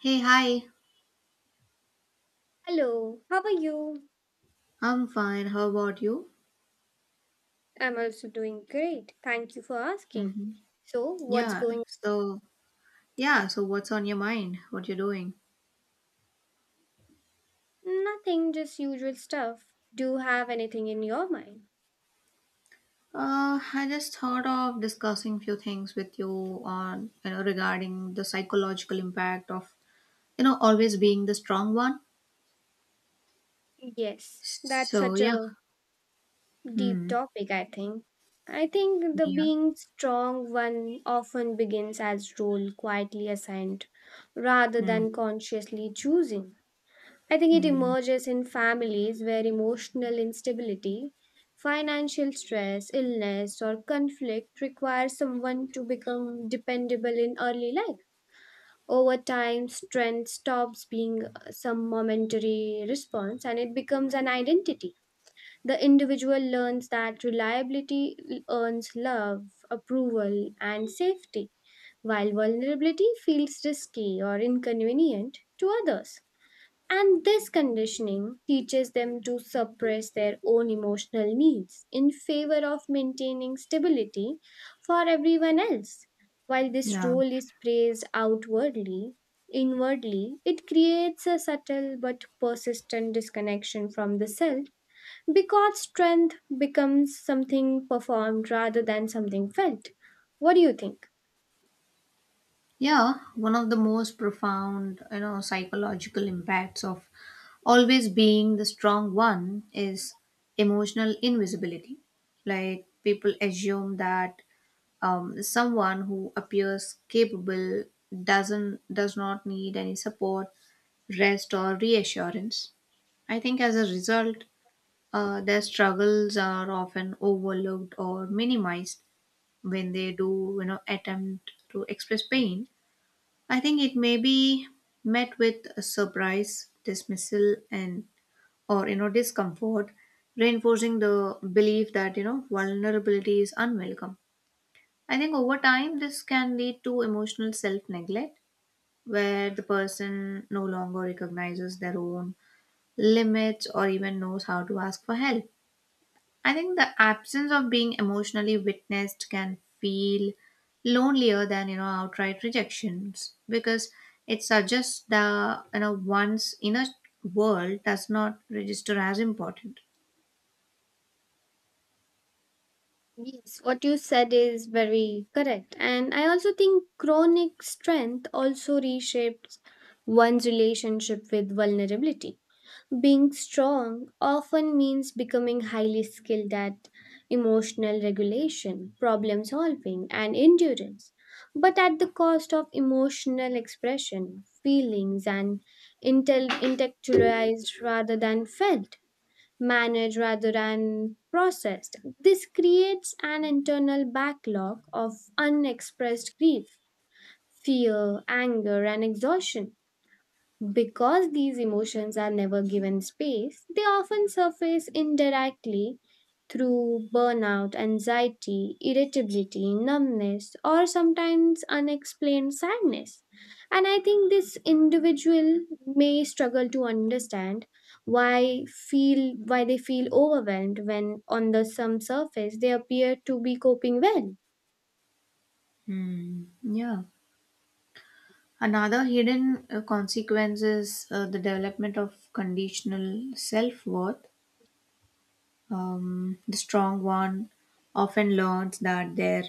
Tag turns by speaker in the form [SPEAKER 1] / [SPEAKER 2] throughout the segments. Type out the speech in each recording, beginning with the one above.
[SPEAKER 1] Hey, hi.
[SPEAKER 2] Hello, how are you?
[SPEAKER 1] I'm fine. How about you?
[SPEAKER 2] I'm also doing great. Thank you for asking.
[SPEAKER 1] hmm
[SPEAKER 2] So, what's
[SPEAKER 1] Yeah.
[SPEAKER 2] going.
[SPEAKER 1] So, yeah. So, what's on your mind? What you're doing?
[SPEAKER 2] Nothing, just usual stuff. Do you have anything in your mind?
[SPEAKER 1] I just thought of discussing few things with you on, regarding the psychological impact of, always being the strong one.
[SPEAKER 2] Yes, that's
[SPEAKER 1] So,
[SPEAKER 2] such
[SPEAKER 1] yeah.
[SPEAKER 2] a deep
[SPEAKER 1] Hmm.
[SPEAKER 2] topic, I think. I think the
[SPEAKER 1] Yeah.
[SPEAKER 2] being strong one often begins as role quietly assigned rather
[SPEAKER 1] Hmm.
[SPEAKER 2] than consciously choosing. I think it
[SPEAKER 1] Hmm.
[SPEAKER 2] emerges in families where emotional instability, financial stress, illness, or conflict require someone to become dependable in early life. Over time, strength stops being some momentary response and it becomes an identity. The individual learns that reliability earns love, approval, and safety, while vulnerability feels risky or inconvenient to others. And this conditioning teaches them to suppress their own emotional needs in favor of maintaining stability for everyone else. While this
[SPEAKER 1] Yeah.
[SPEAKER 2] role is praised outwardly, inwardly, it creates a subtle but persistent disconnection from the self because strength becomes something performed rather than something felt. What do you think?
[SPEAKER 1] Yeah, one of the most profound, psychological impacts of always being the strong one is emotional invisibility. Like people assume that someone who appears capable does not need any support, rest, or reassurance. I think as a result, their struggles are often overlooked or minimized when they do, attempt to express pain. I think it may be met with a surprise, dismissal, and or discomfort, reinforcing the belief that vulnerability is unwelcome. I think over time this can lead to emotional self-neglect, where the person no longer recognizes their own limits or even knows how to ask for help. I think the absence of being emotionally witnessed can feel lonelier than outright rejections because it suggests the one's inner world does not register as important.
[SPEAKER 2] Yes, what you said is very correct. And I also think chronic strength also reshapes one's relationship with vulnerability. Being strong often means becoming highly skilled at emotional regulation, problem solving, and endurance, but at the cost of emotional expression, feelings, and intellectualized rather than felt managed rather than processed. This creates an internal backlog of unexpressed grief, fear, anger, and exhaustion. Because these emotions are never given space, they often surface indirectly through burnout, anxiety, irritability, numbness, or sometimes unexplained sadness. And I think this individual may struggle to understand why they feel overwhelmed when on the some surface they appear to be coping well.
[SPEAKER 1] Hmm. Yeah. Another hidden consequence is the development of conditional self worth. The strong one often learns that their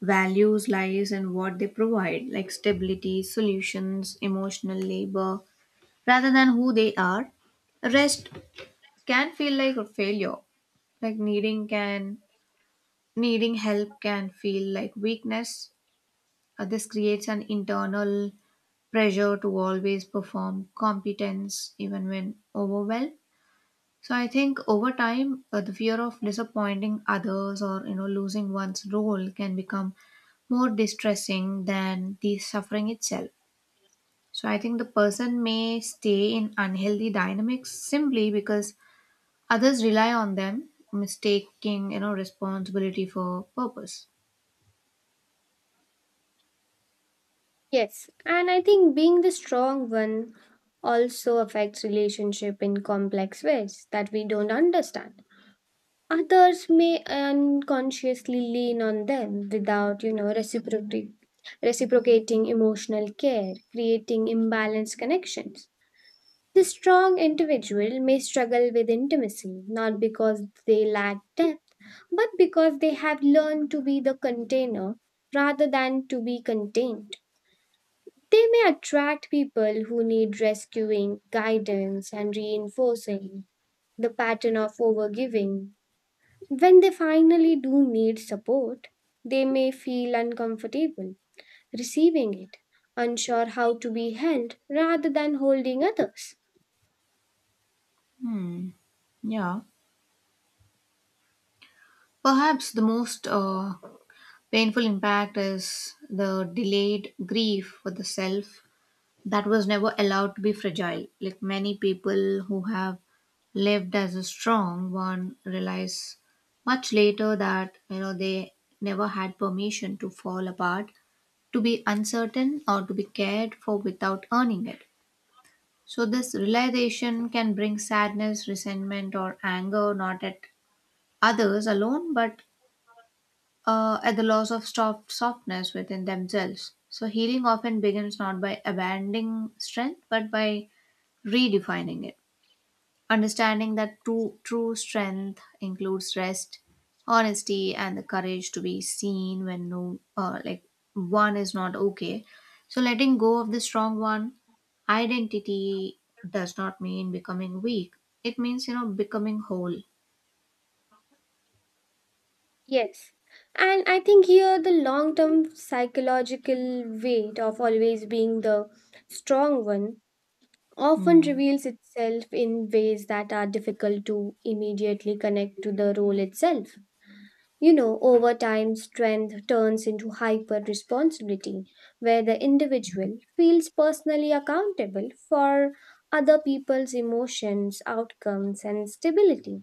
[SPEAKER 1] values lies in what they provide, like stability, solutions, emotional labor, rather than who they are. Rest can feel like a failure. Like needing can needing help can feel like weakness. This creates an internal pressure to always perform competence even when overwhelmed. So I think over time, the fear of disappointing others or losing one's role can become more distressing than the suffering itself. So I think the person may stay in unhealthy dynamics simply because others rely on them, mistaking responsibility for purpose.
[SPEAKER 2] Yes, and I think being the strong one also affects relationship in complex ways that we don't understand. Others may unconsciously lean on them without, reciprocity, reciprocating emotional care, creating imbalanced connections. The strong individual may struggle with intimacy not because they lack depth, but because they have learned to be the container rather than to be contained. They may attract people who need rescuing, guidance, and reinforcing the pattern of overgiving. When they finally do need support, they may feel uncomfortable receiving it, unsure how to be held rather than holding others.
[SPEAKER 1] Hmm. Yeah. Perhaps the most painful impact is the delayed grief for the self that was never allowed to be fragile. Like many people who have lived as a strong one realize much later that they never had permission to fall apart, to be uncertain, or to be cared for without earning it. So this realization can bring sadness, resentment, or anger not at others alone, but at the loss of softness within themselves. So healing often begins not by abandoning strength, but by redefining it, understanding that true strength includes rest, honesty, and the courage to be seen when no, like one is not okay. So letting go of the strong one, identity does not mean becoming weak. It means becoming whole.
[SPEAKER 2] Yes. And I think here the long term psychological weight of always being the strong one often
[SPEAKER 1] Hmm.
[SPEAKER 2] reveals itself in ways that are difficult to immediately connect to the role itself. You know, over time, strength turns into hyper responsibility, where the individual feels personally accountable for other people's emotions, outcomes, and stability.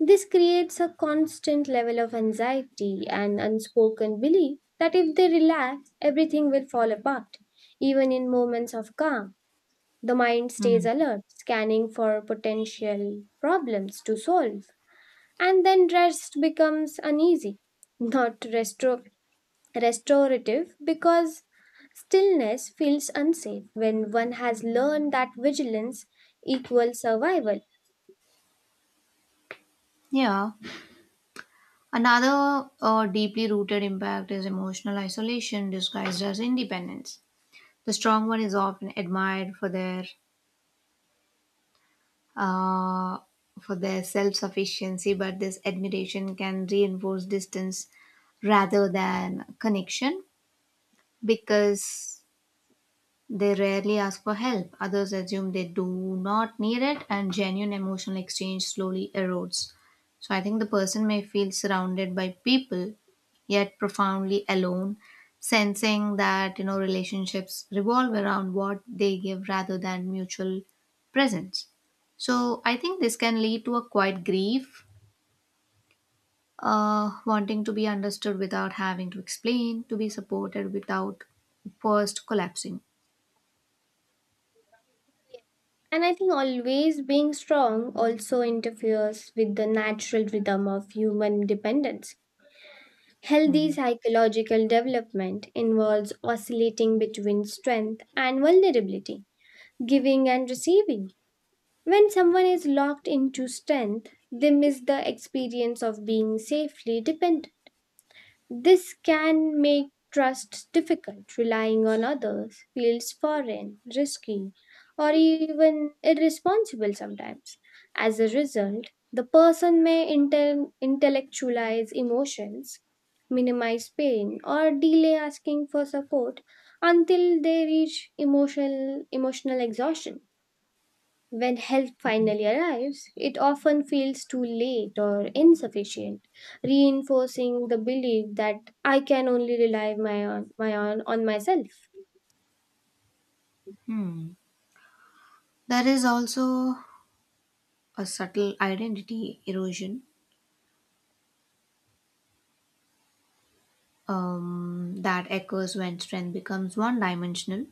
[SPEAKER 2] This creates a constant level of anxiety and unspoken belief that if they relax, everything will fall apart, even in moments of calm. The mind stays
[SPEAKER 1] Hmm.
[SPEAKER 2] alert, scanning for potential problems to solve. And then rest becomes uneasy, not restro- restorative, because stillness feels unsafe when one has learned that vigilance equals survival.
[SPEAKER 1] Yeah. Another deeply rooted impact is emotional isolation disguised as independence. The strong one is often admired uh, for their self sufficiency, but this admiration can reinforce distance rather than connection because they rarely ask for help. Others assume they do not need it, and genuine emotional exchange slowly erodes. So I think the person may feel surrounded by people, yet profoundly alone, sensing that relationships revolve around what they give rather than mutual presence. So I think this can lead to a quiet grief, wanting to be understood without having to explain, to be supported without first collapsing.
[SPEAKER 2] And I think always being strong also interferes with the natural rhythm of human dependence. Healthy
[SPEAKER 1] Hmm.
[SPEAKER 2] psychological development involves oscillating between strength and vulnerability, giving and receiving. When someone is locked into strength, they miss the experience of being safely dependent. This can make trust difficult. Relying on others feels foreign, risky, or even irresponsible sometimes. As a result, the person may intellectualize emotions, minimize pain, or delay asking for support until they reach emotional exhaustion. When help finally arrives, it often feels too late or insufficient, reinforcing the belief that I can only rely my on my on myself.
[SPEAKER 1] Hmm. There is also a subtle identity erosion that occurs when strength becomes one dimensional.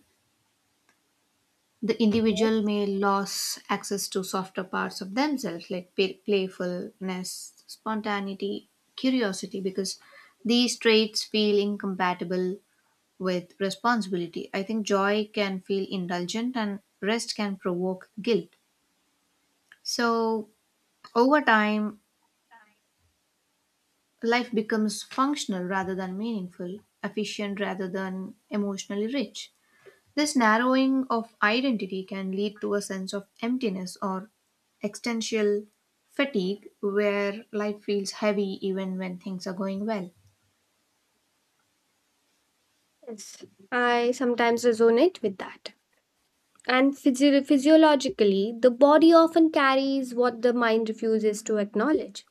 [SPEAKER 1] The
[SPEAKER 2] Yes.
[SPEAKER 1] individual may lose access to softer parts of themselves like playfulness, spontaneity, curiosity, because these traits feel incompatible with responsibility. I think joy can feel indulgent and rest can provoke guilt. So, over time, life becomes functional rather than meaningful, efficient rather than emotionally rich. This narrowing of identity can lead to a sense of emptiness or existential fatigue where life feels heavy even when things are going well.
[SPEAKER 2] Yes, I sometimes resonate with that. And physiologically, the body often carries what the mind refuses to acknowledge.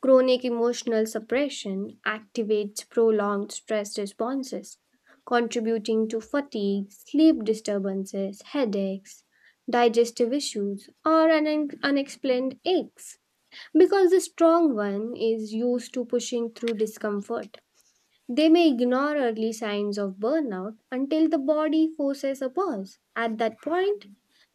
[SPEAKER 2] Chronic emotional suppression activates prolonged stress responses, contributing to fatigue, sleep disturbances, headaches, digestive issues, or unexplained aches because the strong one is used to pushing through discomfort. They may ignore early signs of burnout until the body forces a pause. At that point,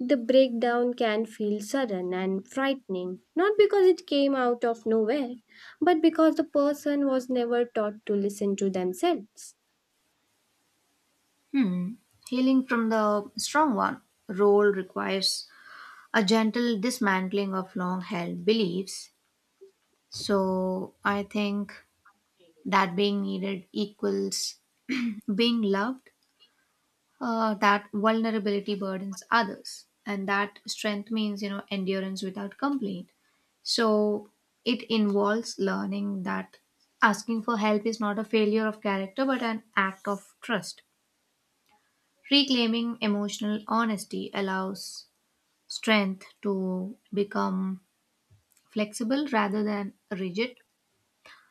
[SPEAKER 2] the breakdown can feel sudden and frightening, not because it came out of nowhere, but because the person was never taught to listen to themselves.
[SPEAKER 1] Hmm. Healing from the strong one role requires a gentle dismantling of long held beliefs. So I think that being needed equals being loved, that vulnerability burdens others and that strength means endurance without complaint, so it involves learning that asking for help is not a failure of character but an act of trust. Reclaiming emotional honesty allows strength to become flexible rather than rigid,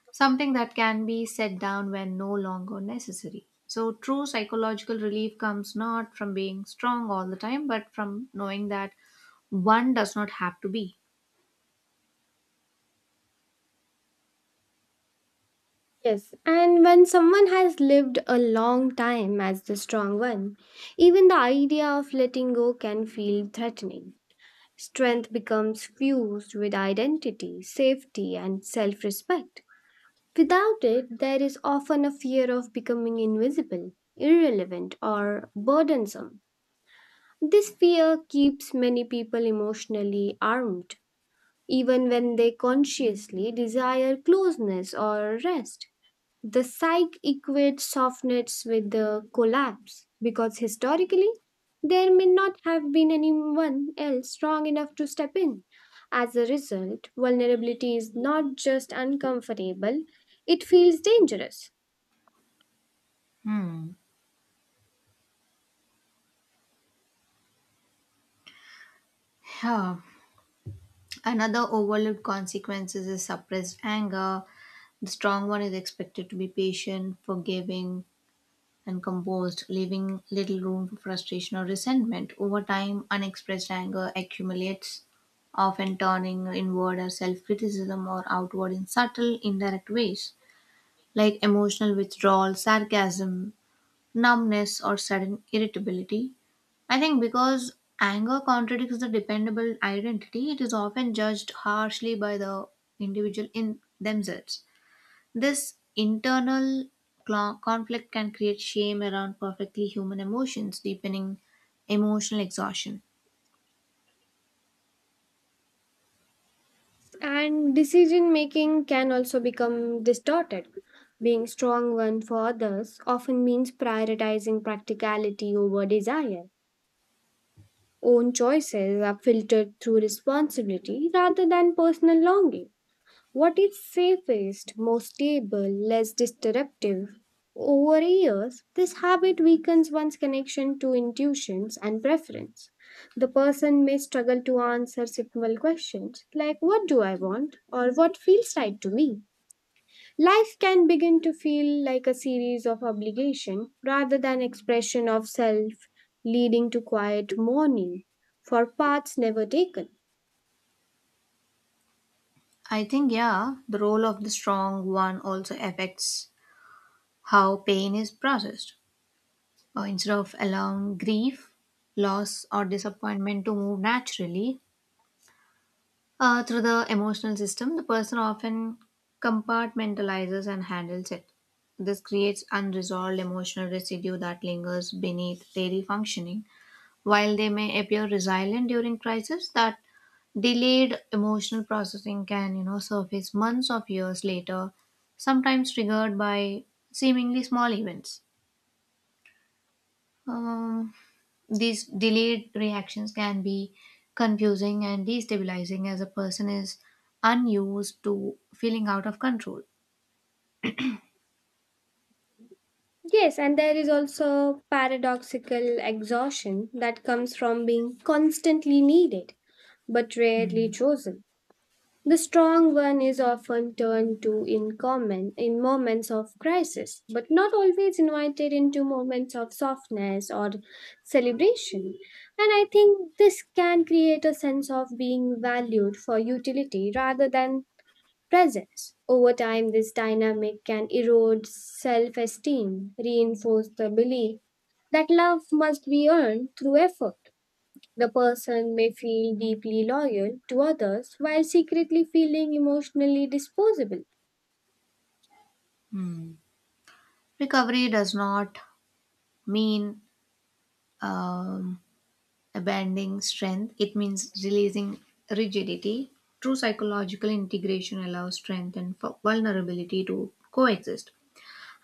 [SPEAKER 1] something that can be set down when no longer necessary. So, true psychological relief comes not from being strong all the time, but from knowing that one does not have to be.
[SPEAKER 2] Yes, and when someone has lived a long time as the strong one, even the idea of letting go can feel threatening. Strength becomes fused with identity, safety, and self respect. Without it, there is often a fear of becoming invisible, irrelevant, or burdensome. This fear keeps many people emotionally armed, even when they consciously desire closeness or rest. The psyche equates softness with the collapse because historically, there may not have been anyone else strong enough to step in. As a result, vulnerability is not just uncomfortable, it feels dangerous.
[SPEAKER 1] Hmm. Yeah. Another overlooked consequences is suppressed anger. The strong one is expected to be patient, forgiving, and composed, leaving little room for frustration or resentment. Over time, unexpressed anger accumulates, often turning inward as self criticism or outward in subtle, indirect ways, like emotional withdrawal, sarcasm, numbness, or sudden irritability. I think because anger contradicts the dependable identity, it is often judged harshly by the individual in themselves. This internal conflict can create shame around perfectly human emotions, deepening emotional exhaustion.
[SPEAKER 2] And decision making can also become distorted. Being strong one for others often means prioritizing practicality over desire. Own choices are filtered through responsibility rather than personal longing. What is safest, most stable, less disruptive? Over years, this habit weakens one's connection to intuitions and preference. The person may struggle to answer simple questions like what do I want or what feels right to me. Life can begin to feel like a series of obligation rather than expression of self, leading to quiet mourning for paths never taken.
[SPEAKER 1] I think, yeah, the role of the strong one also affects how pain is processed. Instead of allowing grief, loss, or disappointment to move naturally through the emotional system, the person often compartmentalizes and handles it. This creates unresolved emotional residue that lingers beneath daily functioning. While they may appear resilient during crisis, that delayed emotional processing can, surface months of years later, sometimes triggered by seemingly small events. Um, these delayed reactions can be confusing and destabilizing as a person is unused to feeling out of control.
[SPEAKER 2] Yes, and there is also paradoxical exhaustion that comes from being constantly needed but rarely chosen. The strong one is often turned to in common in moments of crisis, but not always invited into moments of softness or celebration. And I think this can create a sense of being valued for utility rather than presence. Over time, this dynamic can erode self esteem, reinforce the belief that love must be earned through effort. The person may feel deeply loyal to others while secretly feeling emotionally disposable.
[SPEAKER 1] Recovery does not mean um, abandoning strength, it means releasing rigidity. True psychological integration allows strength and vulnerability to coexist.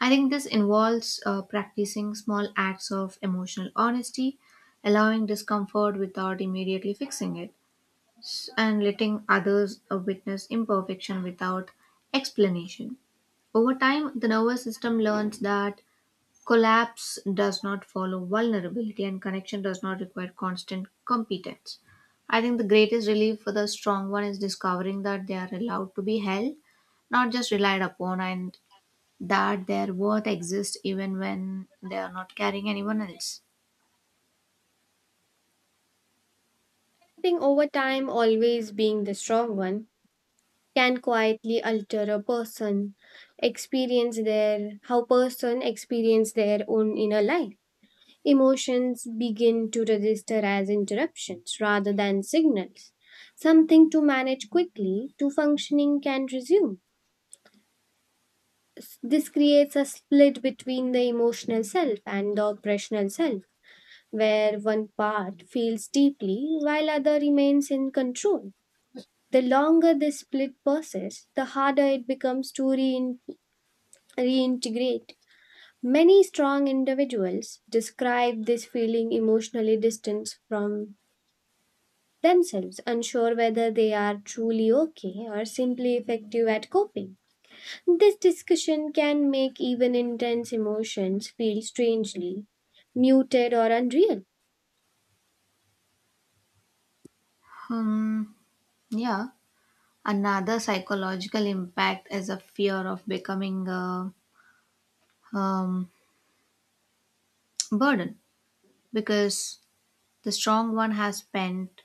[SPEAKER 1] I think this involves practicing small acts of emotional honesty, allowing discomfort without immediately fixing it, and letting others witness imperfection without explanation. Over time, the nervous system learns that collapse does not follow vulnerability, and connection does not require constant competence. I think the greatest relief for the strong one is discovering that they are allowed to be held, not just relied upon, and that their worth exists even when they are not carrying anyone else.
[SPEAKER 2] I think over time, always being the strong one can quietly alter a person experience their how person experience their own inner life. Emotions begin to register as interruptions rather than signals, something to manage quickly to functioning can resume. This creates a split between the emotional self and the operational self, where one part feels deeply while other remains in control. The longer this split persists, the harder it becomes to reintegrate. Many strong individuals describe this feeling emotionally distant from themselves, unsure whether they are truly okay or simply effective at coping. This discussion can make even intense emotions feel strangely muted or unreal.
[SPEAKER 1] Hmm, yeah. Another psychological impact is a fear of becoming a um, burden because the strong one has spent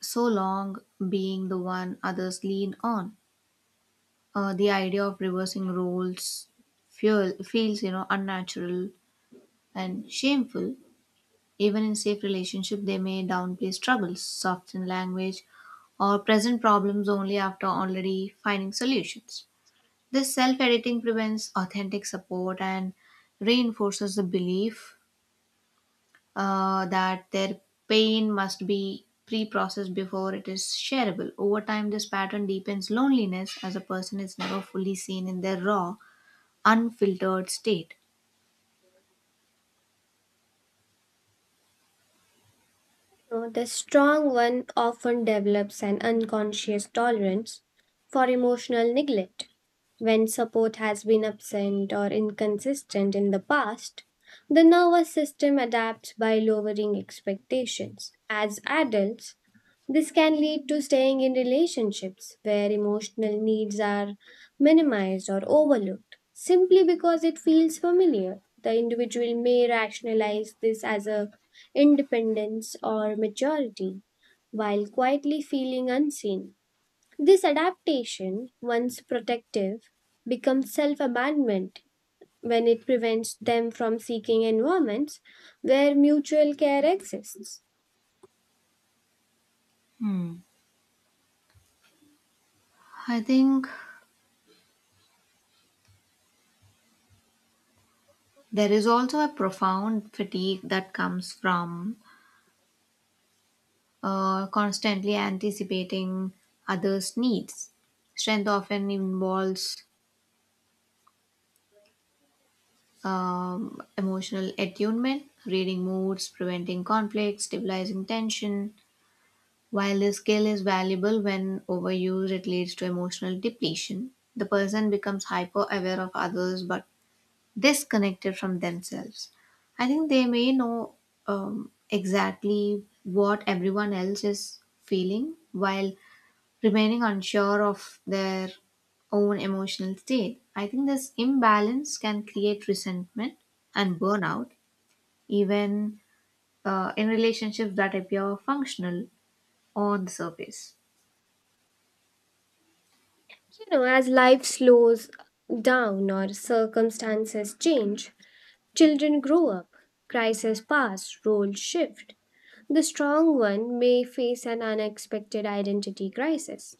[SPEAKER 1] so long being the one others lean on. The idea of reversing roles feels, unnatural and shameful. Even in safe relationship, they may downplay struggles, soften language, or present problems only after already finding solutions. This self-editing prevents authentic support and reinforces the belief that their pain must be pre-processed before it is shareable. Over time, this pattern deepens loneliness as a person is never fully seen in their raw, unfiltered state.
[SPEAKER 2] You know, the strong one often develops an unconscious tolerance for emotional neglect. When support has been absent or inconsistent in the past, the nervous system adapts by lowering expectations. As adults, this can lead to staying in relationships where emotional needs are minimized or overlooked simply because it feels familiar. The individual may rationalize this as a independence or maturity while quietly feeling unseen. This adaptation, once protective, becomes self-abandonment when it prevents them from seeking environments where mutual care exists.
[SPEAKER 1] Hmm. I think there is also a profound fatigue that comes from constantly anticipating others' needs. Strength often involves emotional attunement, reading moods, preventing conflict, stabilizing tension. While this skill is valuable when overused, it leads to emotional depletion. The person becomes hyper aware of others but disconnected from themselves. I think they may know exactly what everyone else is feeling while remaining unsure of their own emotional state. I think this imbalance can create resentment and burnout, even in relationships that appear functional on the surface.
[SPEAKER 2] You know, as life slows down or circumstances change, children grow up, crises pass, roles shift. The strong one may face an unexpected identity crisis.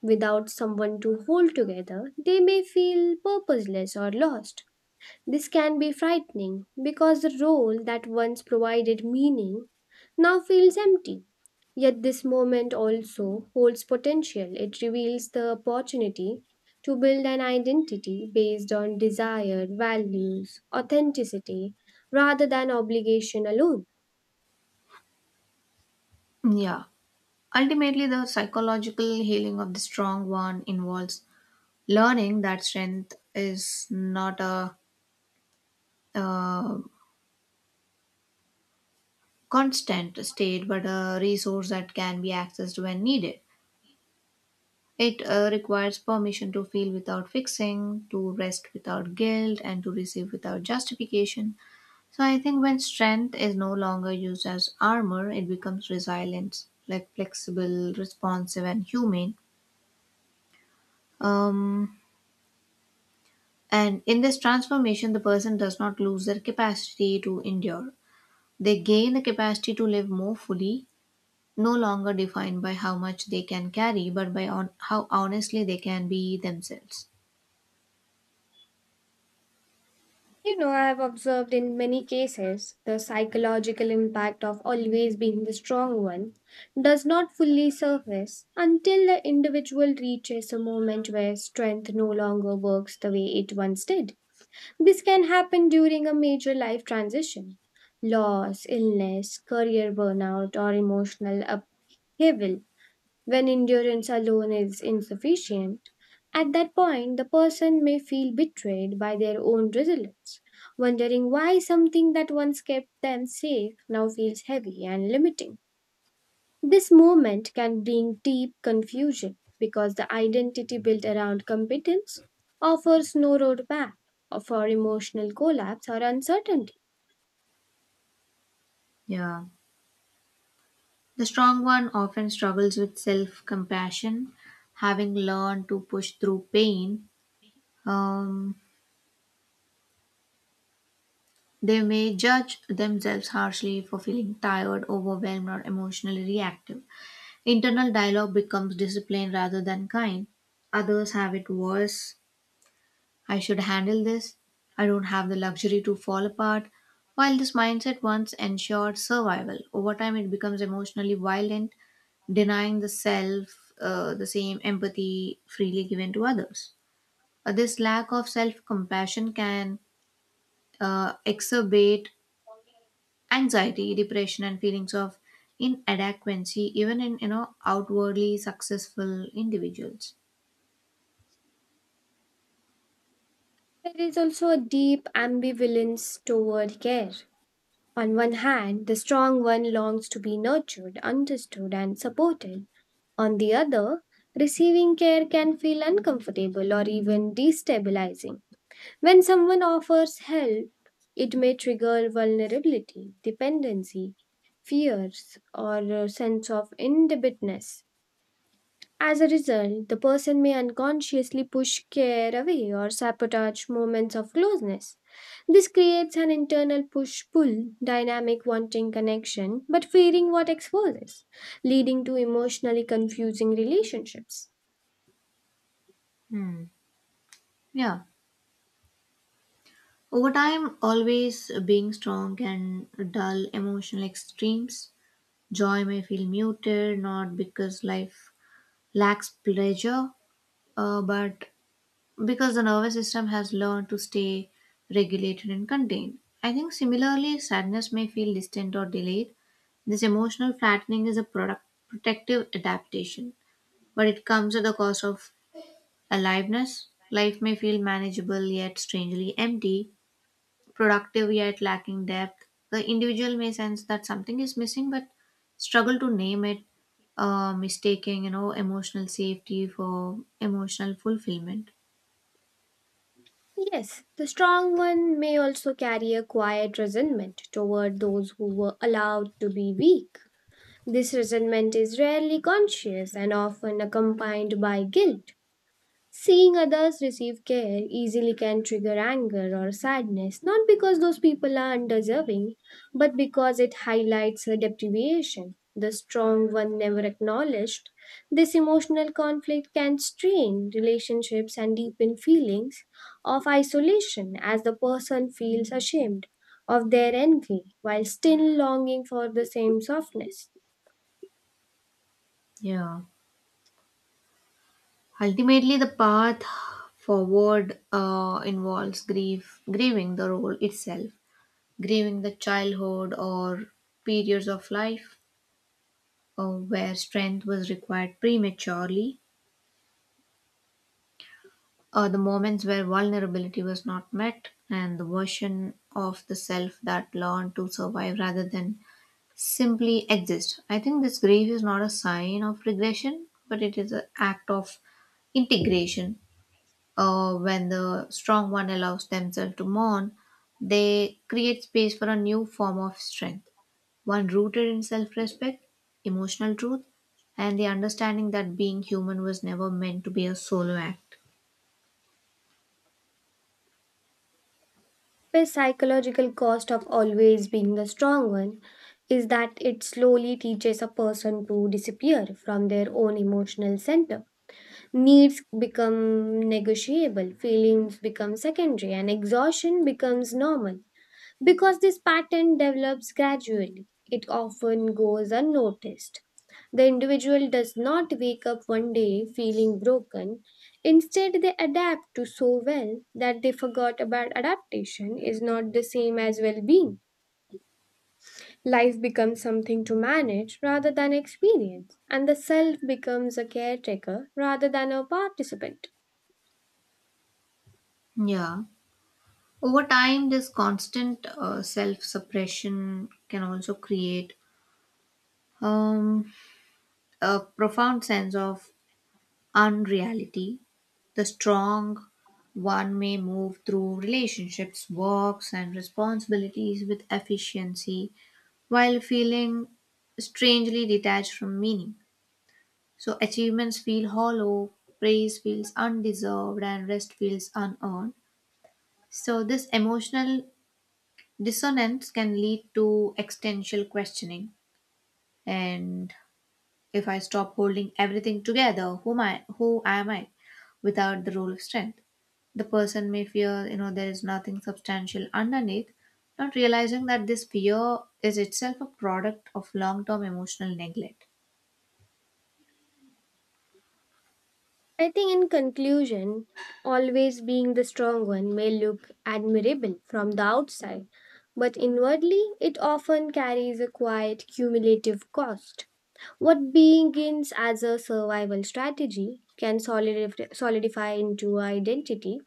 [SPEAKER 2] Without someone to hold together, they may feel purposeless or lost. This can be frightening because the role that once provided meaning now feels empty. Yet this moment also holds potential. It reveals the opportunity to build an identity based on desire, values, authenticity, rather than obligation alone.
[SPEAKER 1] Yeah. Ultimately, the psychological healing of the strong one involves learning that strength is not a, uh constant state but a resource that can be accessed when needed. It requires permission to feel without fixing, to rest without guilt, and to receive without justification. So, I think when strength is no longer used as armor, it becomes resilient, like flexible, responsive, and humane. Um, And in this transformation, the person does not lose their capacity to endure. They gain the capacity to live more fully, no longer defined by how much they can carry, but by how honestly they can be themselves.
[SPEAKER 2] You know, I have observed in many cases the psychological impact of always being the strong one does not fully surface until the individual reaches a moment where strength no longer works the way it once did. This can happen during a major life transition, loss, illness, career burnout, or emotional upheaval. When endurance alone is insufficient, at that point the person may feel betrayed by their own resilience, wondering why something that once kept them safe now feels heavy and limiting. This moment can bring deep confusion because the identity built around competence offers no roadmap for emotional collapse or uncertainty.
[SPEAKER 1] Yeah. The strong one often struggles with self compassion, having learned to push through pain. Um, they may judge themselves harshly for feeling tired, overwhelmed, or emotionally reactive. Internal dialogue becomes discipline rather than kind. Others have it worse. I should handle this. I don't have the luxury to fall apart. While this mindset once ensured survival, over time it becomes emotionally violent, denying the self the same empathy freely given to others. This lack of self compassion can exacerbate anxiety depression and feelings of inadequacy even in outwardly successful individuals.
[SPEAKER 2] There is also a deep ambivalence toward care. On one hand, the strong one longs to be nurtured, understood, and supported. On the other, receiving care can feel uncomfortable or even destabilizing. When someone offers help, it may trigger vulnerability, dependency, fears, or a sense of indebtedness. As a result, the person may unconsciously push care away or sabotage moments of closeness. This creates an internal push pull dynamic, wanting connection but fearing what exposes, leading to emotionally confusing relationships.
[SPEAKER 1] Hmm. Yeah, over time always being strong can dull emotional extremes. Joy may feel muted not because life lacks pleasure, but because the nervous system has learned to stay regulated and contained. I think similarly, sadness may feel distant or delayed. This emotional flattening is a product, protective adaptation, but it comes at the cost of aliveness. Life may feel manageable yet strangely empty, productive yet lacking depth. The individual may sense that something is missing but struggle to name it, mistaking emotional safety for emotional fulfillment.
[SPEAKER 2] Yes, the strong one may also carry a quiet resentment toward those who were allowed to be weak. This resentment is rarely conscious and often accompanied by guilt. Seeing others receive care easily can trigger anger or sadness, not because those people are undeserving, but because it highlights a deprivation. The strong one never acknowledged. This emotional conflict can strain relationships and deepen feelings of isolation as the person feels ashamed of their envy while still longing for the same softness.
[SPEAKER 1] Yeah. Ultimately, the path forward involves grieving the role itself, grieving the childhood or periods of life where strength was required prematurely, the moments where vulnerability was not met, and the version of the self that learned to survive rather than simply exist. I think this grief is not a sign of regression, but it is an act of integration. When the strong one allows themselves to mourn, they create space for a new form of strength, one rooted in self respect, emotional truth, and the understanding that being human was never meant to be a solo act.
[SPEAKER 2] The psychological cost of always being the strong one is that it slowly teaches a person to disappear from their own emotional center. Needs become negotiable, feelings become secondary, and exhaustion becomes normal. Because this pattern develops gradually, it often goes unnoticed. The individual does not wake up one day feeling broken. Instead, they adapt to so well that they forgot about adaptation is not the same as well being. Life becomes something to manage rather than experience, and the self becomes a caretaker rather than a participant.
[SPEAKER 1] Yeah. Over time, this constant self suppression can also create um, a profound sense of unreality. The strong one may move through relationships, works, and responsibilities with efficiency while feeling strangely detached from meaning. So, achievements feel hollow, praise feels undeserved, and rest feels unearned. So, this emotional dissonance can lead to existential questioning. And if I stop holding everything together, who am I without the role of strength? The person may feel, there is nothing substantial underneath, not realizing that this fear is itself a product of long term emotional neglect.
[SPEAKER 2] I think, in conclusion, always being the strong one may look admirable from the outside, but inwardly it often carries a quiet cumulative cost. What begins as a survival strategy can solidify into an identity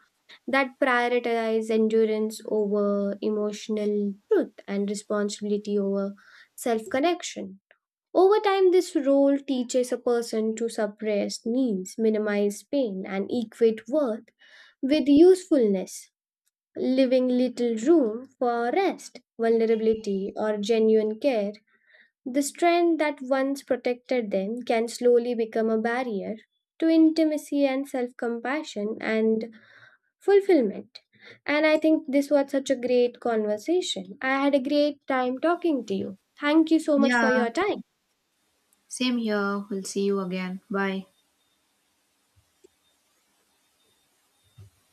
[SPEAKER 2] that prioritizes endurance over emotional truth and responsibility over self connection. Over time, this role teaches a person to suppress needs, minimize pain, and equate worth with usefulness, leaving little room for rest, vulnerability, or genuine care. The strength that once protected them can slowly become a barrier to intimacy and self compassion and fulfillment. And I think this was such a great conversation. I had a great time talking to you. Thank you so much for
[SPEAKER 1] Yeah,
[SPEAKER 2] your time.
[SPEAKER 1] same here. We'll see you again. Bye.